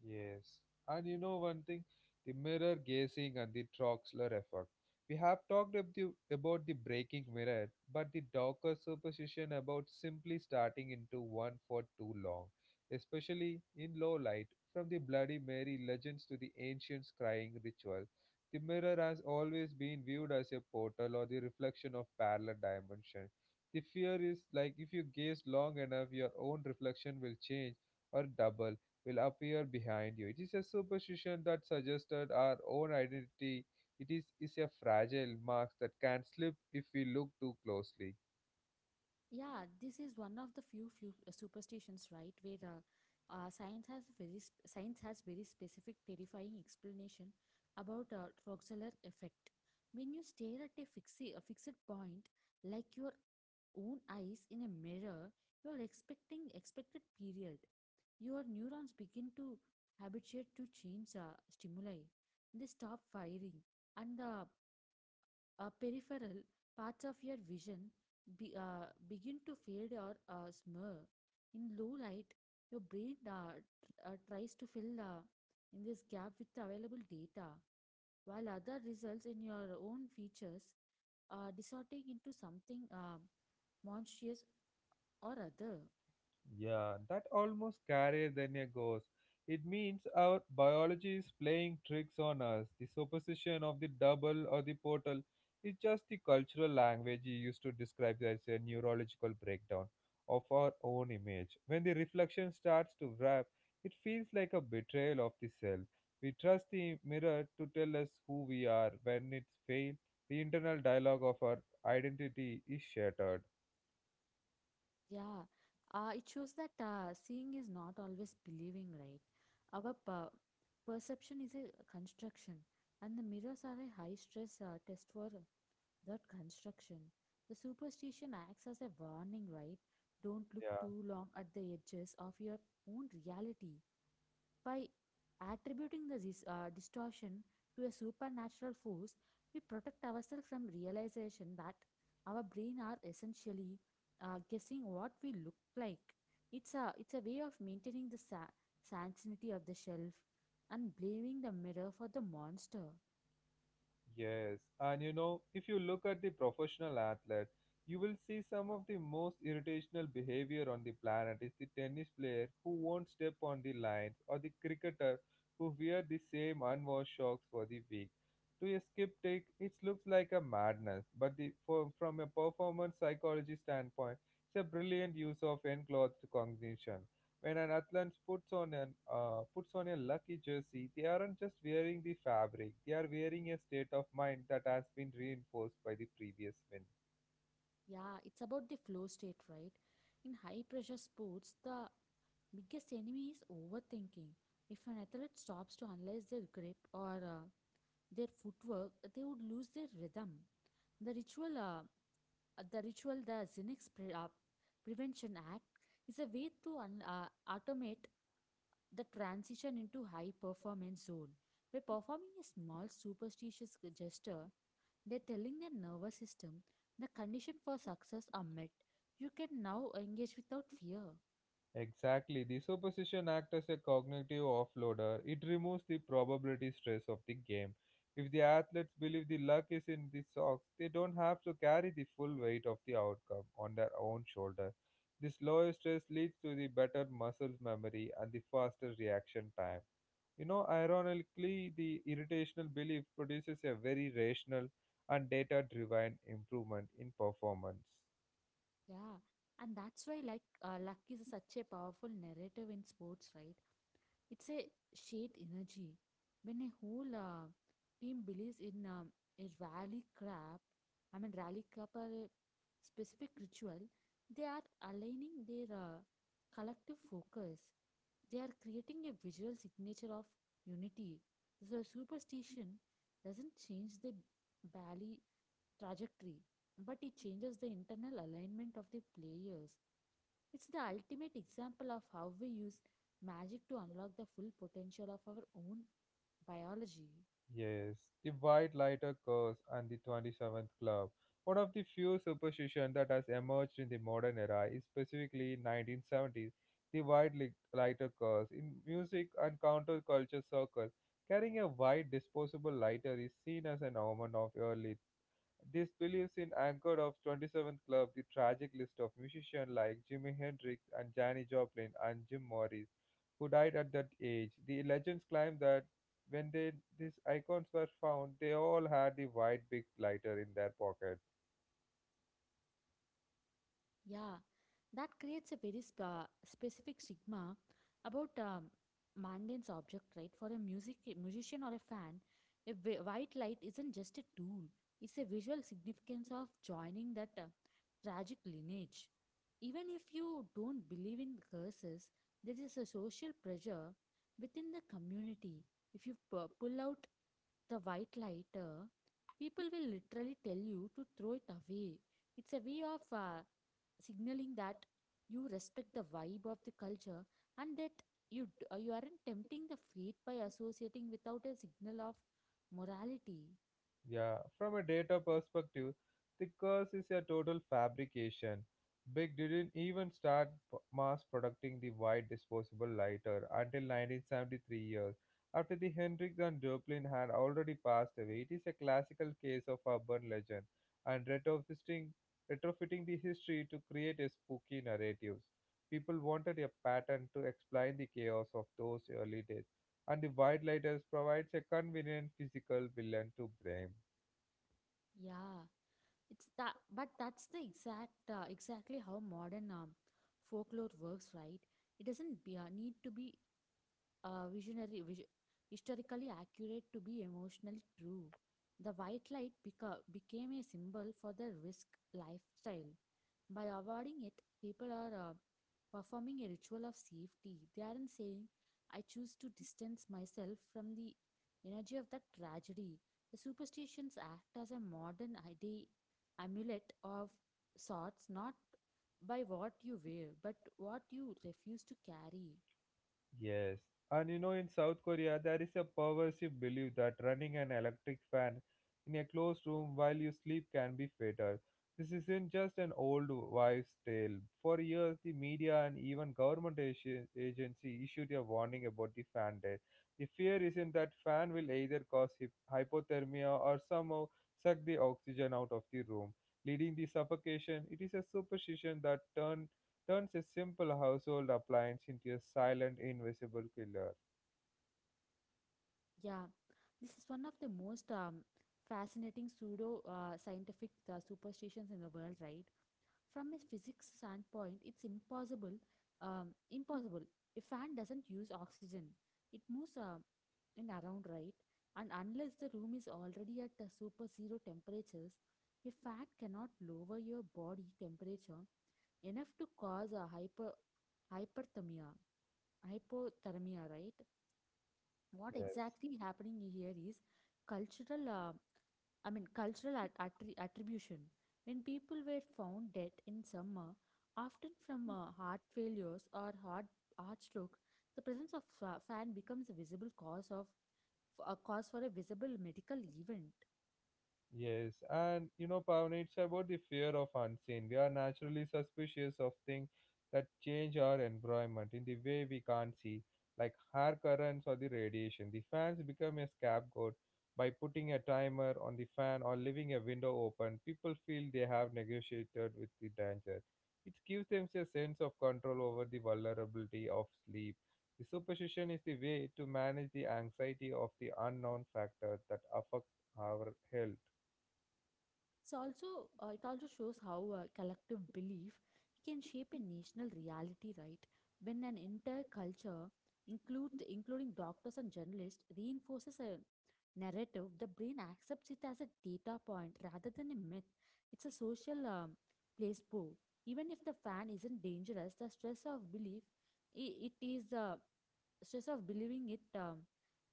Speaker 1: Yes, and you know one thing, the mirror gazing and the Troxler effect. We have talked about the breaking mirror, but the darker superstition about simply starting into one for too long, especially in low light, from the Bloody Mary legends to the ancient crying ritual. The mirror has always been viewed as a portal or the reflection of parallel dimension. The fear is like if you gaze long enough, your own reflection will change or double will appear behind you. It is a superstition that suggested our own identity is a fragile mask that can slip if we look too closely.
Speaker 2: Yeah, this is one of the few superstitions, right? Where science has science has very specific terrifying explanation about Roxeller effect. When you stare at a a fixed point, like your own eyes in a mirror, you are expecting expected period. Your neurons begin to habituate to change stimuli. They stop firing, and the peripheral parts of your vision begin to fade or smur. In low light, your brain tries to fill in this gap with available data, while other results in your own features are distorting into something monstrous or other.
Speaker 1: Yeah, that almost carrier than a ghost. It means our biology is playing tricks on us. The superstition of the double or the portal is just the cultural language you used to describe as a neurological breakdown of our own image. When the reflection starts to wrap, it feels like a betrayal of the self. We trust the mirror to tell us who we are. When it's failed, the internal dialogue of our identity is shattered.
Speaker 2: Yeah, it shows that seeing is not always believing, right? Our perception is a construction, and the mirrors are a high stress test for that construction. The superstition acts as a warning, right? Don't look
Speaker 1: Yeah.
Speaker 2: too long at the edges of your own reality. By attributing the distortion to a supernatural force, we protect ourselves from realization that our brain are essentially guessing what we look like. It's a way of maintaining the sanity of the shelf and blaming the mirror for the monster.
Speaker 1: Yes, and you know, if you look at the professional athlete, you will see some of the most irritational behavior on the planet is the tennis player who won't step on the lines or the cricketer who wear the same unwashed socks for the week. To a skip take, it looks like a madness, but the, for, from a performance psychology standpoint, it's a brilliant use of enclosed cognition. When an athlete puts on a lucky jersey, they aren't just wearing the fabric; they are wearing a state of mind that has been reinforced by the previous win.
Speaker 2: Yeah, it's about the flow state, right? In high pressure sports, the biggest enemy is overthinking. If an athlete stops to analyze their grip or their footwork, they would lose their rhythm. The ritual, uh, the ritual, the Prevention Act, is a way to automate the transition into high performance zone. By performing a small superstitious gesture, they're telling their nervous system the condition for success are met. You can now engage without fear.
Speaker 1: Exactly, the superstition acts as a cognitive offloader. It removes the probability stress of the game. If the athletes believe the luck is in the socks, they don't have to carry the full weight of the outcome on their own shoulder. This lower stress leads to the better muscle memory and the faster reaction time. You know, ironically, the irritational belief produces a very rational and data driven improvement in performance.
Speaker 2: Yeah, and that's why like luck is such a powerful narrative in sports, right? It's a shared energy. When a whole team believes in a rally crap or a specific ritual, they are aligning their collective focus. They are creating a visual signature of unity. So superstition doesn't change the bally trajectory, but it changes the internal alignment of the players. It's the ultimate example of how we use magic to unlock the full potential of our own biology.
Speaker 1: Yes, the white lighter curse and the 27th club. One of the few superstitions that has emerged in the modern era is specifically 1970s, the white lighter curse. In music and counterculture circles, carrying a white disposable lighter is seen as an omen of early This believes in anchor of 27th Club, the tragic list of musicians like Jimi Hendrix and Janis Joplin and Jim Morris, who died at that age. The legends claim that when they, these icons were found, they all had the white big lighter in their pocket.
Speaker 2: Yeah, that creates a very spa specific stigma about Mandan's object, right? For a musician or a fan, a white light isn't just a tool; it's a visual significance of joining that tragic lineage. Even if you don't believe in curses, there is a social pressure within the community. If you pull out the white lighter, people will literally tell you to throw it away. It's a way of signaling that you respect the vibe of the culture and that you aren't tempting the fate by associating without a signal of morality.
Speaker 1: Yeah, from a data perspective, the curse is a total fabrication. Big didn't even start mass producing the white disposable lighter until 1973 years after the Hendrix and Joplin had already passed away. It is a classical case of urban legend and retrofitting the history to create a spooky narratives. People wanted a pattern to explain the chaos of those early days and the white lighters provides a convenient physical villain to blame.
Speaker 2: Yeah, it's that, but that's the exactly how modern folklore works, right? It doesn't need to be uh, visionary, vis- historically accurate to be emotionally true. The white light became a symbol for the risk lifestyle. By avoiding it, people are performing a ritual of safety. They aren't saying, I choose to distance myself from the energy of that tragedy. The superstitions act as a modern ID amulet of sorts, not by what you wear, but what you refuse to carry.
Speaker 1: Yes. And you know, in South Korea, there is a pervasive belief that running an electric fan in a closed room while you sleep can be fatal. This isn't just an old wives' tale. For years, the media and even government agency issued a warning about the fan death. The fear isn't that fan will either cause hypothermia or somehow suck the oxygen out of the room, leading to suffocation. It is a superstition that turned turns a simple household appliance into a silent, invisible killer.
Speaker 2: Yeah, this is one of the most fascinating pseudo scientific superstitions in the world, right? From a physics standpoint, it's impossible. A fan doesn't use oxygen; it moves in around, right? And unless the room is already at the super zero temperatures, a fan cannot lower your body temperature enough to cause a hyperthermia, hypothermia, right? What
Speaker 1: Yes.
Speaker 2: exactly happening here is cultural cultural attribution. When people were found dead in summer, often from heart failures or heart stroke, the presence of fan becomes a visible cause of a cause for a visible medical event.
Speaker 1: Yes, and you know, Pavan, it's about the fear of unseen. We are naturally suspicious of things that change our environment in the way we can't see, like hair currents or the radiation. The fans become a scapegoat by putting a timer on the fan or leaving a window open. People feel they have negotiated with the danger. It gives them a sense of control over the vulnerability of sleep. The superstition is the way to manage the anxiety of the unknown factor that affect our health.
Speaker 2: It's also it also shows how collective belief can shape a national reality, right? When an entire culture include including doctors and journalists reinforces a narrative, the brain accepts it as a data point rather than a myth. It's a social placebo. Even if the fan isn't dangerous, the stress of belief, it is the stress of believing it um,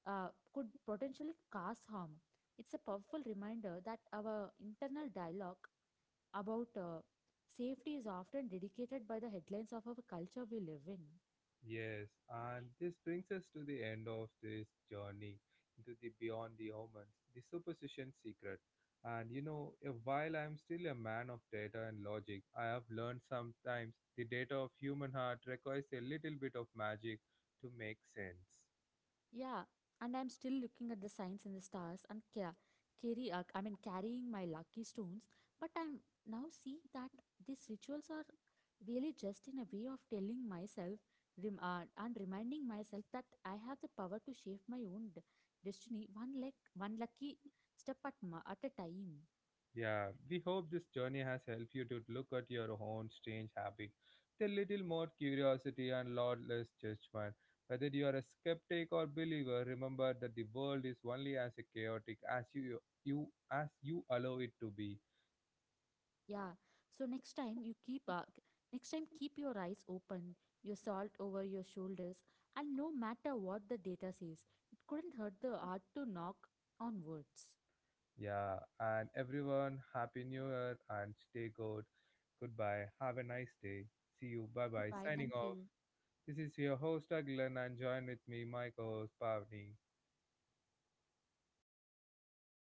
Speaker 2: uh, could potentially cause harm. It's a powerful reminder that our internal dialogue about safety is often dedicated by the headlines of our culture we live in.
Speaker 1: Yes, and this brings us to the end of this journey into the beyond the omens, the superstition secret. And you know, while I'm still a man of data and logic, I have learned sometimes the data of human heart requires a little bit of magic to make sense.
Speaker 2: Yeah, and I'm still looking at the signs in the stars and carrying my lucky stones. But I'm now seeing that these rituals are really just in a way of telling myself rem- and reminding myself that I have the power to shape my own destiny, one lucky step at at a time.
Speaker 1: Yeah, we hope this journey has helped you to look at your own strange habit with a little more curiosity and lot less judgment. Whether you are a skeptic or believer, remember that the world is only as chaotic as you allow it to be.
Speaker 2: Yeah. So next time keep your eyes open, your salt over your shoulders, and no matter what the data says, it couldn't hurt the art to knock on words.
Speaker 1: Yeah, and everyone, happy new year and stay good. Goodbye. Have a nice day. See you. Bye bye.
Speaker 2: Goodbye.
Speaker 1: Signing
Speaker 2: Thank
Speaker 1: off.
Speaker 2: you.
Speaker 1: This is your host Aglan and join with me, my co-host Pavni.